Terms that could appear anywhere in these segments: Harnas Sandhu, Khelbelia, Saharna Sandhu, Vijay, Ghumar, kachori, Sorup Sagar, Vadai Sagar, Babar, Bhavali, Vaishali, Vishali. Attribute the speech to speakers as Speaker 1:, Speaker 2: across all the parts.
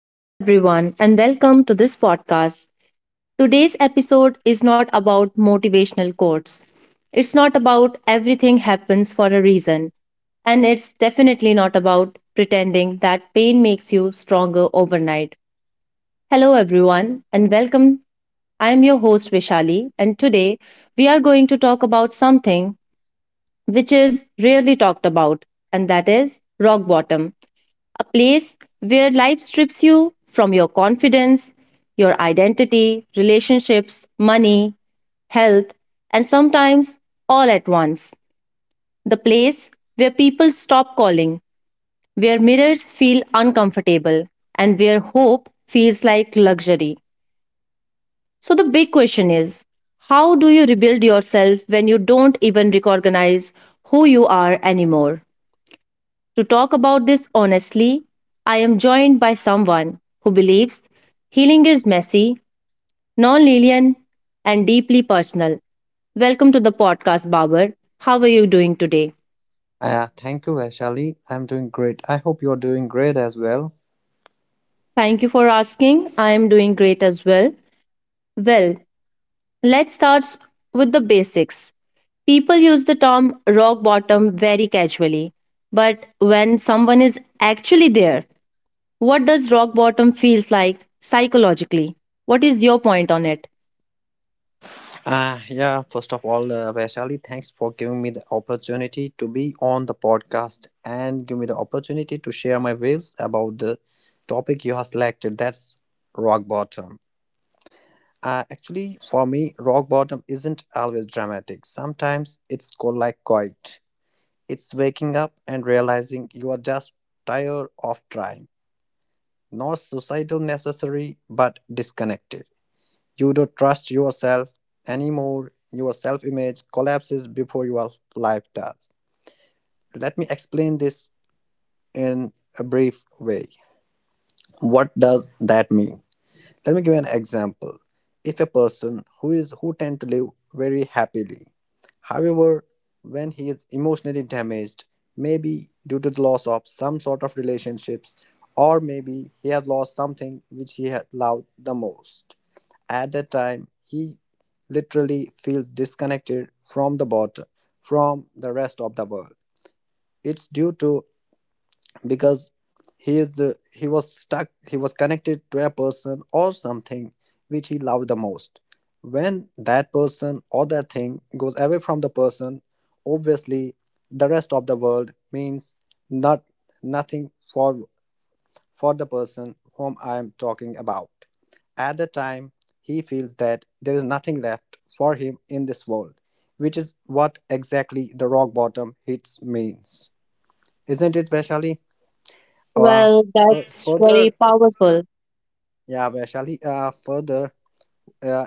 Speaker 1: Hello, everyone, and welcome to this podcast. Today's episode is not about motivational quotes. It's not about everything happens for a reason, and it's definitely not about pretending that pain makes you stronger overnight. Hello, everyone, and welcome. I am your host, Vishali, and today we are going to talk about something which is rarely talked about, and that is rock bottom, a place where life strips you from your confidence, your identity, relationships, money, health, and sometimes all at once. The place where people stop calling, where mirrors feel uncomfortable, and where hope feels like luxury. So, the big question is, how do you rebuild yourself when you don't even recognize who you are anymore? To talk about this honestly, I am joined by someone who believes healing is messy, non linear, and deeply personal. Welcome to the podcast, Babar. How are you doing today?
Speaker 2: Thank you, Vaishali. I'm doing great. I hope you're doing great as well.
Speaker 1: Thank you for asking. I am doing great as well. Well, let's start s- with the basics. People use the term rock bottom very casually, but when someone is actually there, what does rock bottom feels like psychologically? What is your point on it?
Speaker 2: Yeah, first of all, Vaishali, thanks for giving me the opportunity to be on the podcast and give me the opportunity to share my views about the topic you have selected. That's rock bottom. Actually, for me, rock bottom isn't always dramatic. Sometimes it's called like quiet. It's waking up and realizing you are just tired of trying. Not suicidal necessary, but disconnected. You don't trust yourself anymore. Your self image collapses before your life does. Let me explain this in a brief way. What does that mean? Let me give you an example. If a person who tend to live very happily, however, when he is emotionally damaged, maybe due to the loss of some sort of relationships, or maybe he has lost something which he had loved the most, at that time he literally feels disconnected from the bot from the rest of the world. It's due to, because he is the he was stuck, he was connected to a person or something which he loved the most. When that person or that thing goes away from the person, obviously the rest of the world means not nothing for the person whom I am talking about. At the time, he feels that there is nothing left for him in this world, which is what exactly the rock bottom hits means. Isn't it, Vaishali? Uh,
Speaker 1: Well,
Speaker 2: fu-
Speaker 1: that's very
Speaker 2: further,
Speaker 1: powerful.
Speaker 2: yeah, Vaishali, further, uh,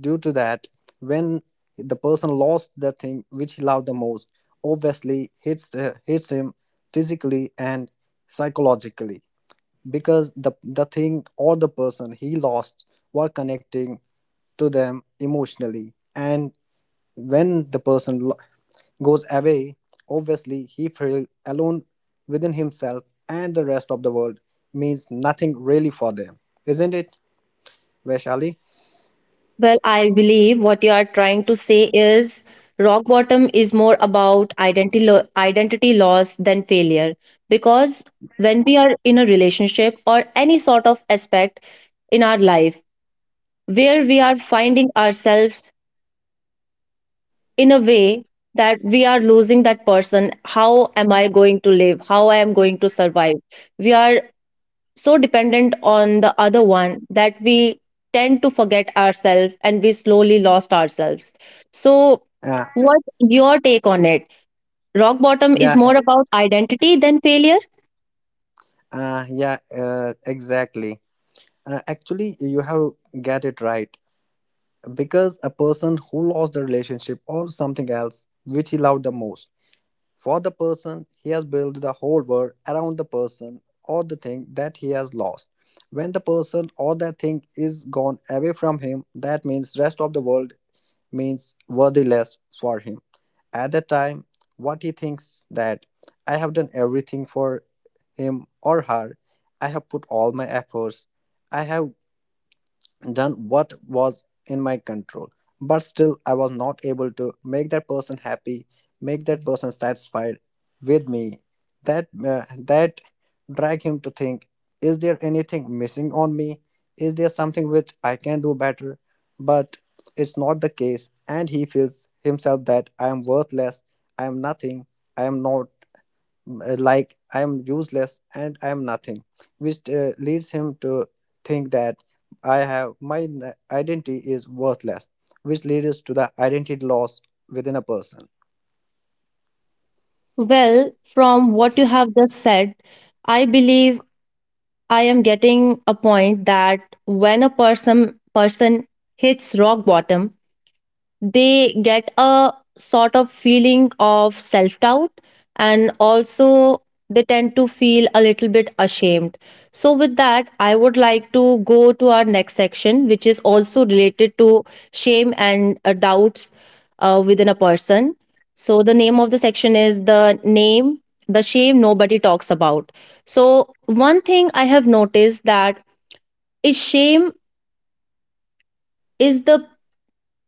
Speaker 2: due to that, when the person lost the thing which he loved the most, obviously hits, hits him physically and psychologically, because the thing or the person he lost were connecting to them emotionally. And when the person goes away, obviously he feels alone within himself, and the rest of the world means nothing really for them. Isn't it, Vaishali?
Speaker 1: Well, I believe what you are trying to say is rock bottom is more about identity loss than failure, because when we are in a relationship or any sort of aspect in our life where we are finding ourselves in a way that we are losing that person, how am I going to live, how I am going to survive? We are so dependent on the other one that we tend to forget ourselves and we slowly lost ourselves. So
Speaker 2: uh,
Speaker 1: what your take on it? Rock bottom is
Speaker 2: yeah uh,
Speaker 1: more about identity than failure.
Speaker 2: uh, yeah exactly. Actually, you have get it right, because a person who lost the relationship or something else which he loved the most. For the person, he has built the whole world around the person or the thing that he has lost. When the person or the thing is gone away from him, that means rest of the world means worthless for him. At that time, what he thinks that I have done everything for him or her. I have put all my efforts. I have done what was in my control, but still I was not able to make that person happy, make that person satisfied with me. That drag him to think, is there anything missing on me? Is there something which I can do better? But it's not the case, and he feels himself that I am worthless, I am nothing, i am not I am useless and I am nothing, which leads him to think that I have my n- identity is worthless, which leads to the identity loss within a person.
Speaker 1: Well, from what you have just said, I believe I am getting a point that when a person hits rock bottom, they get a sort of feeling of self doubt, and also they tend to feel a little bit ashamed. So, with that, I would like to go to our next section, which is also related to shame and doubts within a person. So, the name of the section is the name, the shame nobody talks about. So, one thing I have noticed that is shame is the,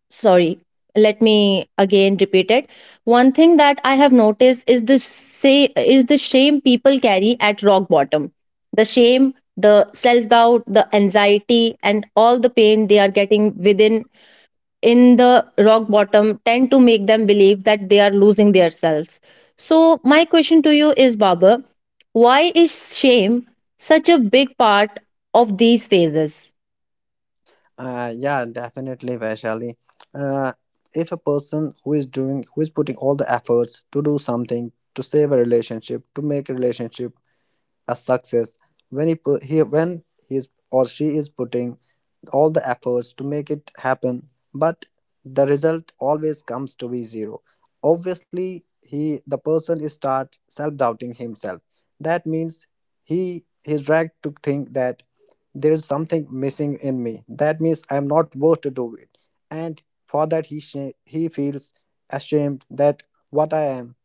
Speaker 1: sorry let me again repeat it one thing that I have noticed is the say is the shame people carry at rock bottom, the shame, the self doubt, the anxiety, and all the pain they are getting within, in the rock bottom, tend to make them believe that they are losing themselves. So my question to you is, Baba, why is shame such a big part of these phases?
Speaker 2: Yeah, definitely, Vaishali. Uh, if a person who is doing, who is putting all the efforts to do something, to save a relationship, to make a relationship a success, when he is or she is putting all the efforts to make it happen, but the result always comes to be zero. Obviously, he the person is start self-doubting himself. That means he is dragged to think that there is something missing in me. That means I am not worth to do it, and for that he feels ashamed that what I am,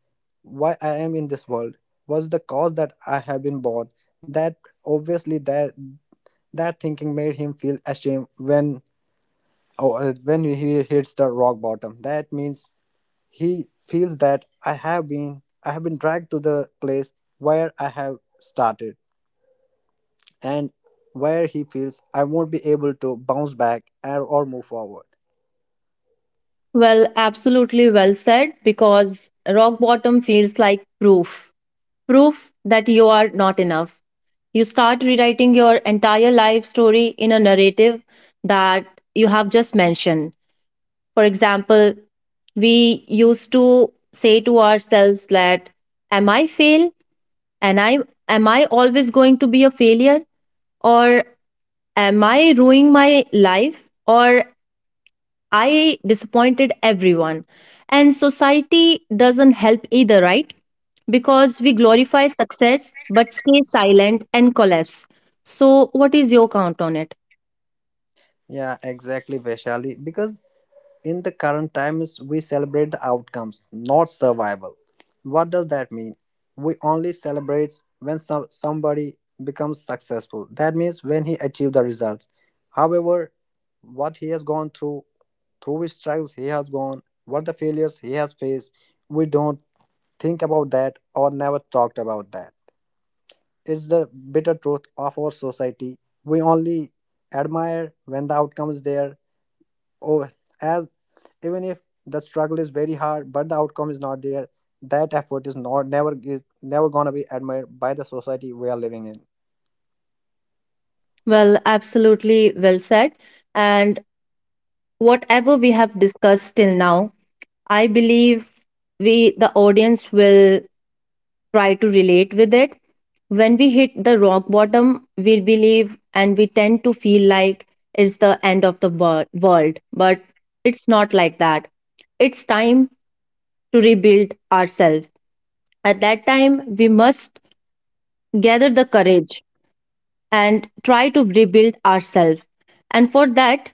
Speaker 2: why I am in this world, was the cause that I have been born. That obviously that thinking made him feel ashamed when. Oh, when he hits the rock bottom, that means he feels that I have been dragged to the place where I have started, and where he feels I won't be able to bounce back or move forward.
Speaker 1: Well, absolutely well said, because rock bottom feels like proof that you are not enough. You start rewriting your entire life story in a narrative that you have just mentioned. For example, we used to say to ourselves that, am I fail? And I always going to be a failure? Or am I ruining my life? Or I disappointed everyone. And society doesn't help either, right? Because we glorify success but stay silent and collapse. So, what is your count on it?
Speaker 2: Yeah, exactly, Vaishali. Because in the current times we celebrate the outcomes, not survival. What does that mean? We only celebrate when somebody becomes successful, that means when he achieved the results. However, what he has gone through, through which struggles he has gone, what the failures he has faced, we don't think about that or never talked about that. It's the bitter truth of our society. We only admire when the outcome is there, or as, even if the struggle is very hard but the outcome is not there, that effort is not never is never gonna be admired by the society we are living in.
Speaker 1: Well, absolutely well said. And whatever we have discussed till now, I believe we, the audience, will try to relate with it. When we hit the rock bottom, we believe and we tend to feel like it's the end of the wor- world, but it's not like that. It's time to rebuild ourselves. At that time, we must gather the courage and try to rebuild ourselves. And for that,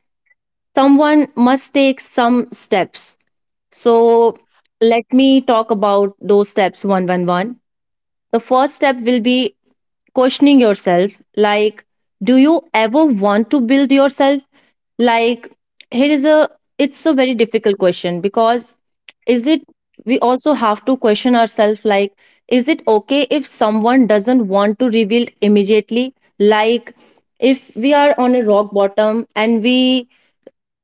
Speaker 1: someone must take some steps. So let me talk about those steps one by one. The first step will be questioning yourself, like, do you ever want to build yourself? Like, here is a, it's a very difficult question, because is it, we also have to question ourselves, like, is it okay if someone doesn't want to reveal immediately? Like, if we are on a rock bottom and we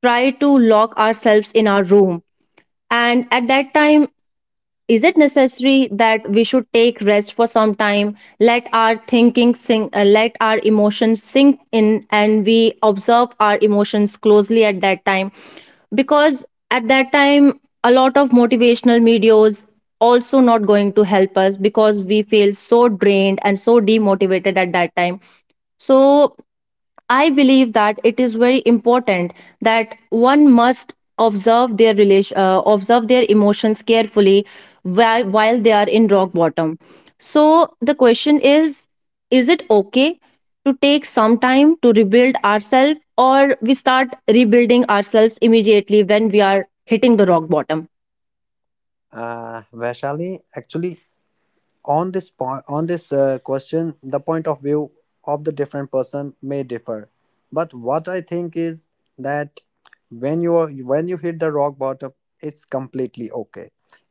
Speaker 1: try to lock ourselves in our room, and at that time, is it necessary that we should take rest for some time, let our thinking sink, let our emotions sink in, and we observe our emotions closely at that time? Because at that time a lot of motivational videos also not going to help us because we feel so drained and so demotivated at that time. So I believe that it is very important that one must observe their emotions carefully while they are in rock bottom. So the question is: is it okay to take some time to rebuild ourselves, or we start rebuilding ourselves immediately when we are hitting the rock bottom?
Speaker 2: Vaishali, actually on this point, on this question, the point of view of the different person may differ, but what I think is that when you are when you hit the rock bottom, it's completely okay.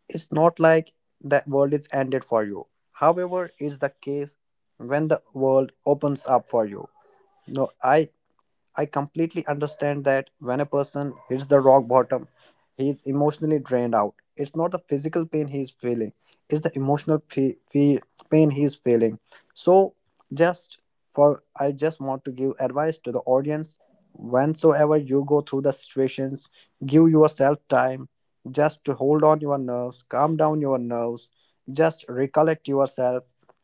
Speaker 2: It's not like the world is ended for you; however, it's the case when the world opens up for you. No, I completely understand that when a person hits the rock bottom, he is emotionally drained out. It's not the physical pain he is feeling; it's the emotional pain he is feeling. So, just for I just want to give advice to the audience: whensoever you go through the situations, give yourself time just to hold on your nerves, calm down your nerves, just recollect yourself,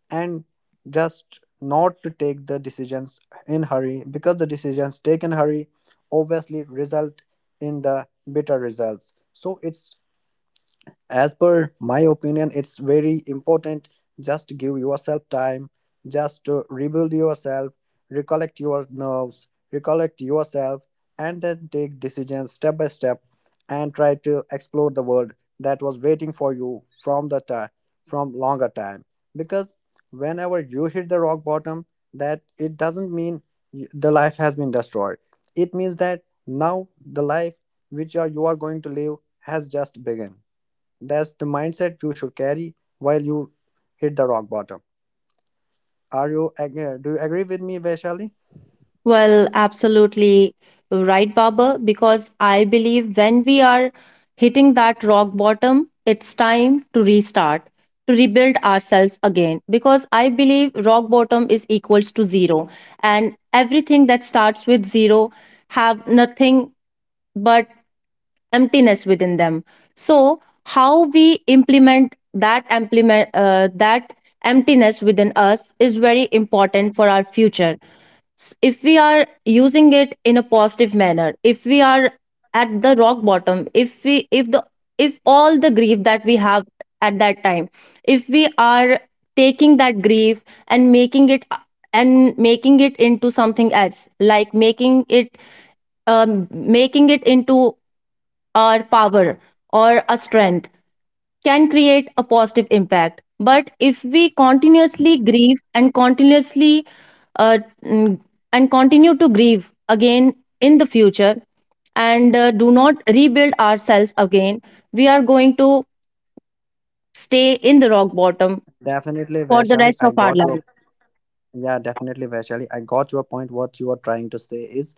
Speaker 2: and just not to take the decisions in hurry, because the decisions taken hurry obviously result in the better results. So it's, as per my opinion, it's very important, just give yourself time just to rebuild yourself, recollect your nerves, recollect yourself, and then take decisions step by step, and try to explore the world that was waiting for you from the time, from longer time. Because whenever you hit the rock bottom, that it doesn't mean the life has been destroyed. It means that now the life which are you are going to live has just begun. That's the mindset you should carry while you hit the rock bottom. Are you do you agree with me, Vaishali?
Speaker 1: Well, absolutely right, Baba, because I believe when we are hitting that rock bottom, it's time to restart, to rebuild ourselves again. Because I believe rock bottom is equals to zero. And everything that starts with zero have nothing but emptiness within them. So how we implement that emptiness within us is very important for our future. If we are using it in a positive manner, if we are at the rock bottom, if we, if the, if all the grief that we have at that time, if we are taking that grief and making it into something else, like making it into our power or a strength, can create a positive impact. But if we continuously grieve and uh, mm, continue to grieve again in the future, and do not rebuild ourselves again, we are going to stay in the rock bottom
Speaker 2: Definitely,
Speaker 1: for the
Speaker 2: Vaishali.
Speaker 1: rest
Speaker 2: I
Speaker 1: of our
Speaker 2: got your
Speaker 1: life.
Speaker 2: yeah, definitely, Vaishali. I got your point. What you are trying to say is,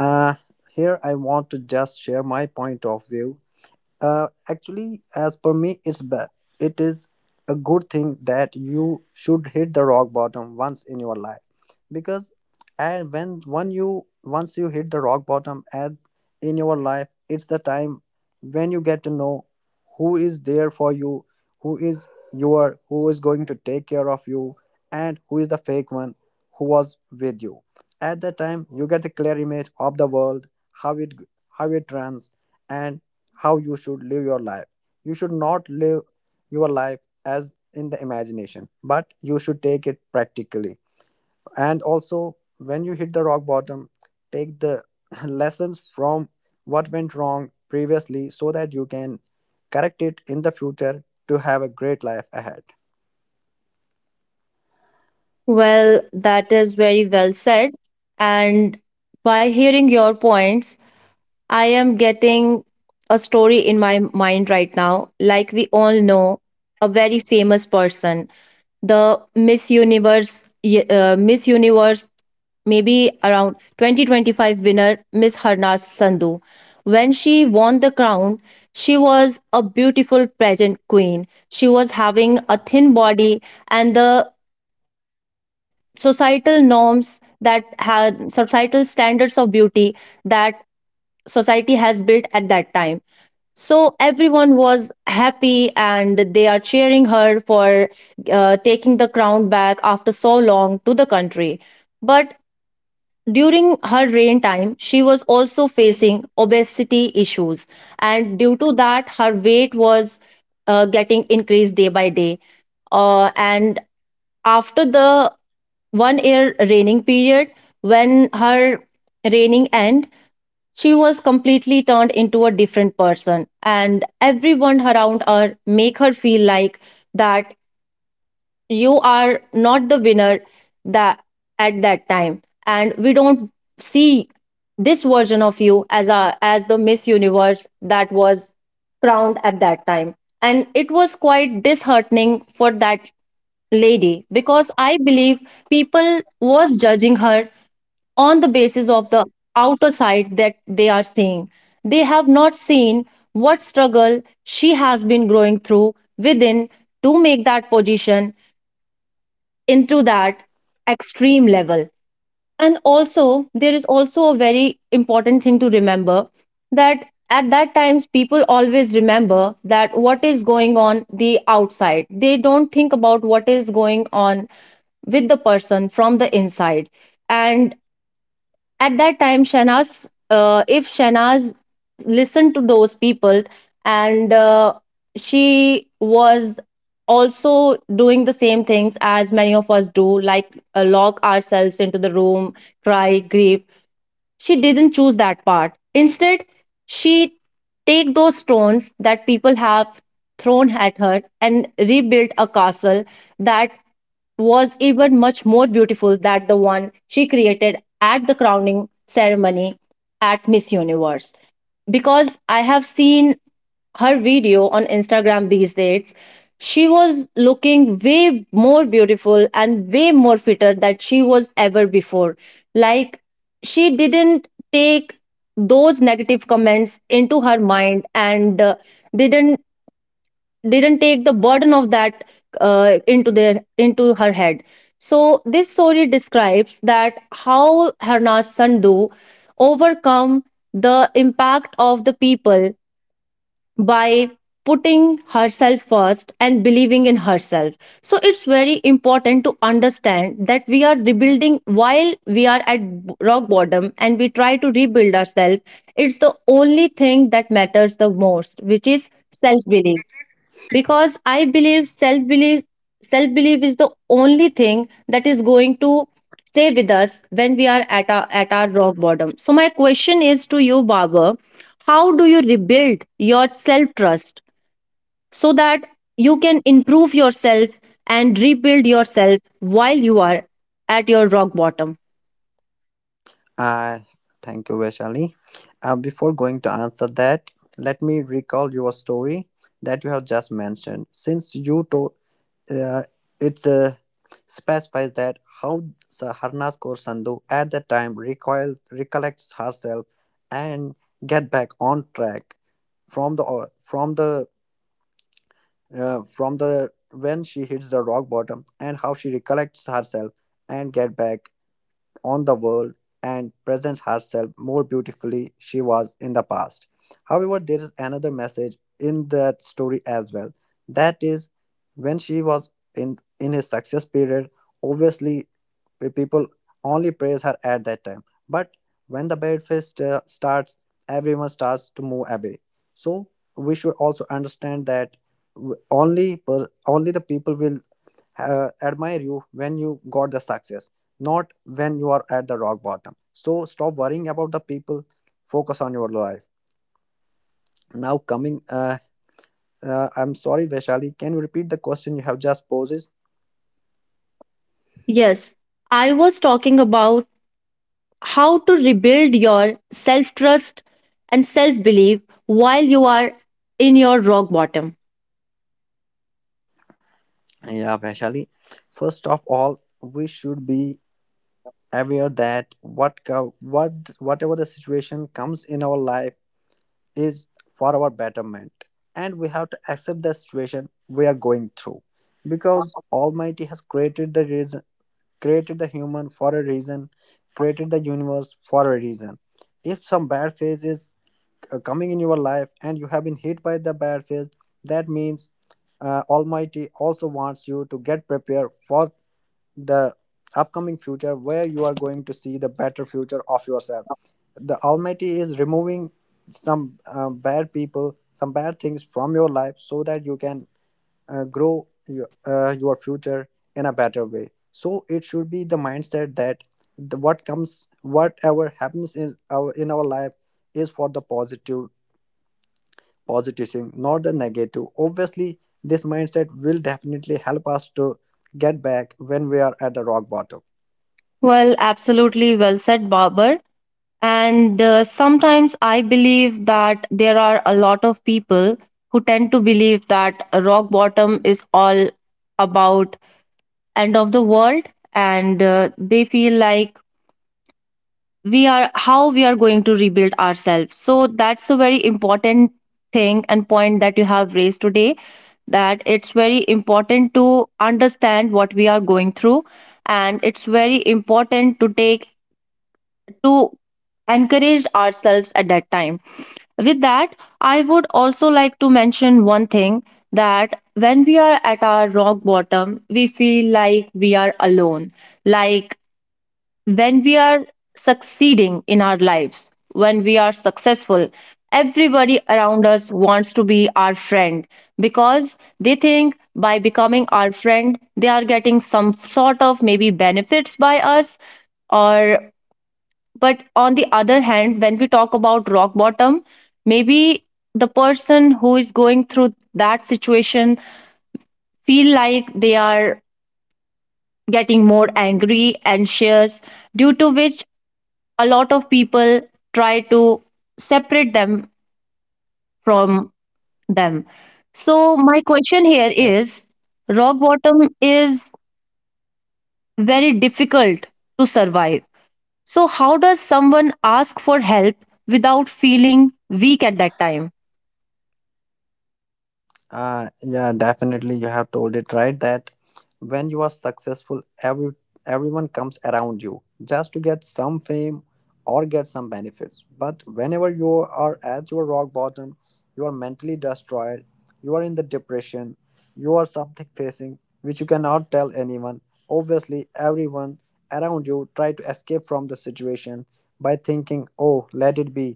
Speaker 2: uh, here I want to just share my point of view. Actually, as per me, it's bad. It is a good thing that you should hit the rock bottom once in your life, because and when you once you hit the rock bottom and in your life, it's the time when you get to know who is there for you, who is going to take care of you, and who is the fake one who was with you. At that time, you get the clear image of the world, how it how it runs, and how you should live your life. You should not live your life as in the imagination, but you should take it practically. And also, when you hit the rock bottom, take the lessons from what went wrong previously so that you can correct it in the future to have a great life ahead.
Speaker 1: Well, that is very well said. And by hearing your points, I am getting a story in my mind right now. Like we all know, a very famous person, the Miss Universe, Miss Universe, maybe around 2025 winner, Miss Harnas Sandhu. When she won the crown, she was a beautiful pageant queen. She was having a thin body, and the societal norms that had societal standards of beauty that society has built at that time. So everyone was happy and they are cheering her for taking the crown back after so long to the country. But during her reign time, she was also facing obesity issues, and due to that, her weight was getting increased day by day. And after the 1 year reigning period, when her reigning end, she was completely turned into a different person, and everyone around her make her feel like that you are not the winner, that at that time, and we don't see this version of you as a as the Miss Universe that was crowned at that time, and it was quite disheartening for that lady, because I believe people was judging her on the basis of the outer sight that they are seeing. They have not seen what struggle she has been growing through within to make that position into that extreme level. And also, there is also a very important thing to remember, that at that times people always remember that what is going on the outside, they don't think about what is going on with the person from the inside. And at that time, shanaz if Shanaz listened to those people, and she was also doing the same things as many of us do, like lock ourselves into the room, cry, grieve, she didn't choose that part. Instead, she take those stones that people have thrown at her and rebuilt a castle that was even much more beautiful than the one she created at the crowning ceremony at Miss Universe. Because I have seen her video on Instagram these days, she was looking way more beautiful and way more fitter than she was ever before. Like, she didn't take those negative comments into her mind, and didn't take the burden of that into her head. So this story describes that how Harnas Sandhu overcome the impact of the people by putting herself first and believing in herself. So it's very important to understand that we are rebuilding while we are at rock bottom and we try to rebuild ourselves, it's the only thing that matters the most, which is self belief. Because I believe self belief is the only thing that is going to stay with us when we are at our rock bottom. So my question is to you, Barber, how do you rebuild your self trust so that you can improve yourself and rebuild yourself while you are at your rock bottom?
Speaker 2: I thank you, Vaishali. Before going to answer that, let me recall your story that you have just mentioned. Uh, it specifies that how Saharna scores Sandhu at the time recoil, recollects herself and get back on track from the or- from the from the, when she hits the rock bottom, and how she recollects herself and get back on the world and presents herself more beautifully she was in the past. However, there is another message in that story as well. That is when she was in his success period, obviously the people only praise her at that time. But when the bad phase starts, everyone starts to move away. So we should also understand that only the people will admire you when you got the success, not when you are at the rock bottom. So stop worrying about the people, focus on your life. Now, coming, I'm sorry, Vaishali, can you repeat the question you have just posed?
Speaker 1: Yes, I was talking about how to rebuild your self trust and self belief while you are in your rock bottom.
Speaker 2: Yeah, Vaishali. First of all, we should be aware that whatever the situation comes in our life is for our betterment, and we have to accept the situation we are going through, because Almighty has created the reas created the human for a reason, created the universe for a reason. If some bad phase is coming in your life and you have been hit by the bad phase, that means Almighty also wants you to get prepared for the upcoming future where you are going to see the better future of yourself. The Almighty is removing some bad people, some bad things from your life so that you can grow your future in a better way. So it should be the mindset that what comes, whatever happens in our life is for the positive, positive thing, not the negative. Obviously this mindset will definitely help us to get back when we are at the rock bottom.
Speaker 1: Well, absolutely well said, Barber. And sometimes I believe that there are a lot of people who tend to believe that a rock bottom is all about end of the world, and they feel like, we are, how we are going to rebuild ourselves? So that's a very important thing and point that you have raised today, that it's very important to understand what we are going through, and it's very important to take, to encourage ourselves at that time. With that, I would also like to mention one thing, that when we are at our rock bottom, we feel like we are alone. Like, when we are succeeding in our lives, when we are successful, everybody around us wants to be our friend, because they think by becoming our friend, they are getting some sort of maybe benefits by us. Or, but on the other hand, when we talk about rock bottom, maybe the person who is going through that situation feel like they are getting more angry, anxious, due to which a lot of people try to separate them from them. So, my question here is, rock bottom is very difficult to survive. So, how does someone ask for help without feeling weak at that time?
Speaker 2: Yeah, definitely. You have told it right that when you are successful, everyone comes around you just to get some fame or get some benefits. But whenever you are at your rock bottom, you are mentally destroyed. You are in the depression. You are something facing which you cannot tell anyone. Obviously, everyone around you try to escape from the situation by thinking, "Oh, let it be.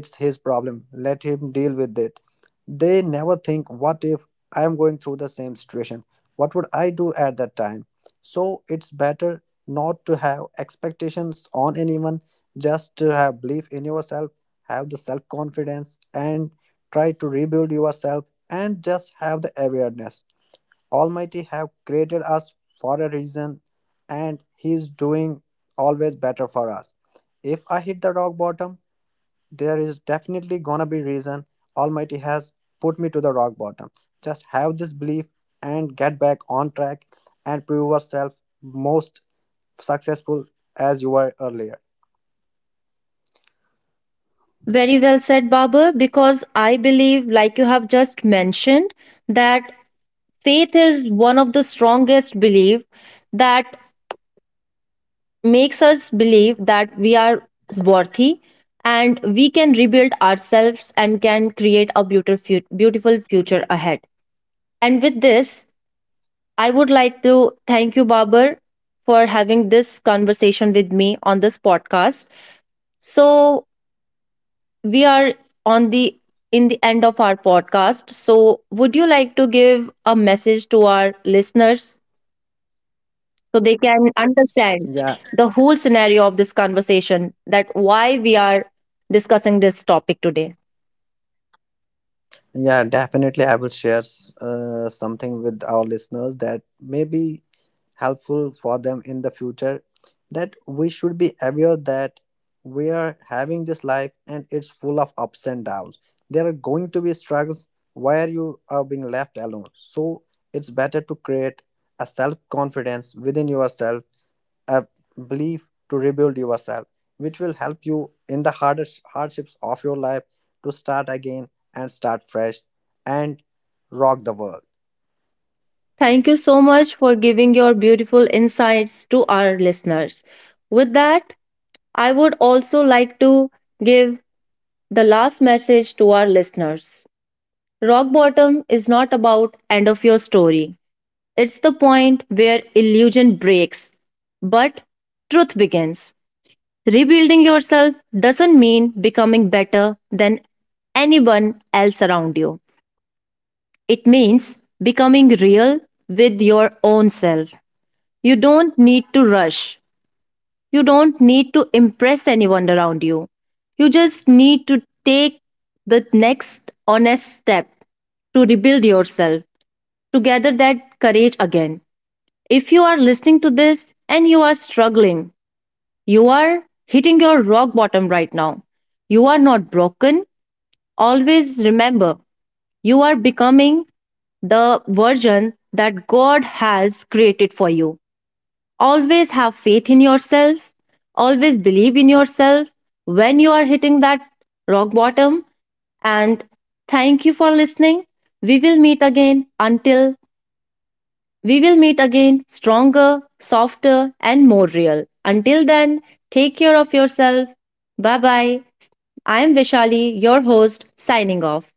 Speaker 2: It's his problem. Let him deal with it." They never think, what if I am going through the same situation? What would I do at that time? So it's better not to have expectations on anyone, just to have belief in yourself, have the self confidence, and try to rebuild yourself and just have the awareness. Almighty have created us for a reason, and he is doing always better for us. If I hit the rock bottom, there is definitely gonna be reason Almighty has put me to the rock bottom. Just have this belief and get back on track and prove yourself most successful as you were earlier.
Speaker 1: Very well said, Baba, because I believe, like you have just mentioned, that faith is one of the strongest belief that makes us believe that we are worthy and we can rebuild ourselves and can create a beautiful beautiful future ahead. And with this, I would like to thank you, Babar, for having this conversation with me on this podcast. So we are on the, in the end of our podcast, so would you like to give a message to our listeners so they can understand
Speaker 2: Yeah,
Speaker 1: the whole scenario of this conversation, that why we are discussing this topic today?
Speaker 2: yeah, definitely. I will share something with our listeners that may be helpful for them in the future. That we should be aware that we are having this life and it's full of ups and downs. There are going to be struggles where you are being left alone. So it's better to create a self confidence within yourself, a belief to rebuild yourself, which will help you in the hardest hardships of your life to start again and start fresh and rock the world.
Speaker 1: Thank you so much for giving your beautiful insights to our listeners. With that, I would also like to give the last message to our listeners. Rock bottom is not about end of your story. It's the point where illusion breaks, but truth begins. Rebuilding yourself doesn't mean becoming better than anyone else around you. It means becoming real with your own self. You don't need to rush. You don't need to impress anyone around you. You just need to take the next honest step to rebuild yourself, to gather that courage again. If you are listening to this and you are struggling, you are hitting your rock bottom right now, you are not broken. Always remember, you are becoming the version that God has created for you. Always have faith in yourself. Always believe in yourself when you are hitting that rock bottom. And thank you for listening. We will meet again. Until We will meet again stronger, softer, and more real. Until then, take care of yourself. Bye bye. I am Vishali, your host, signing off.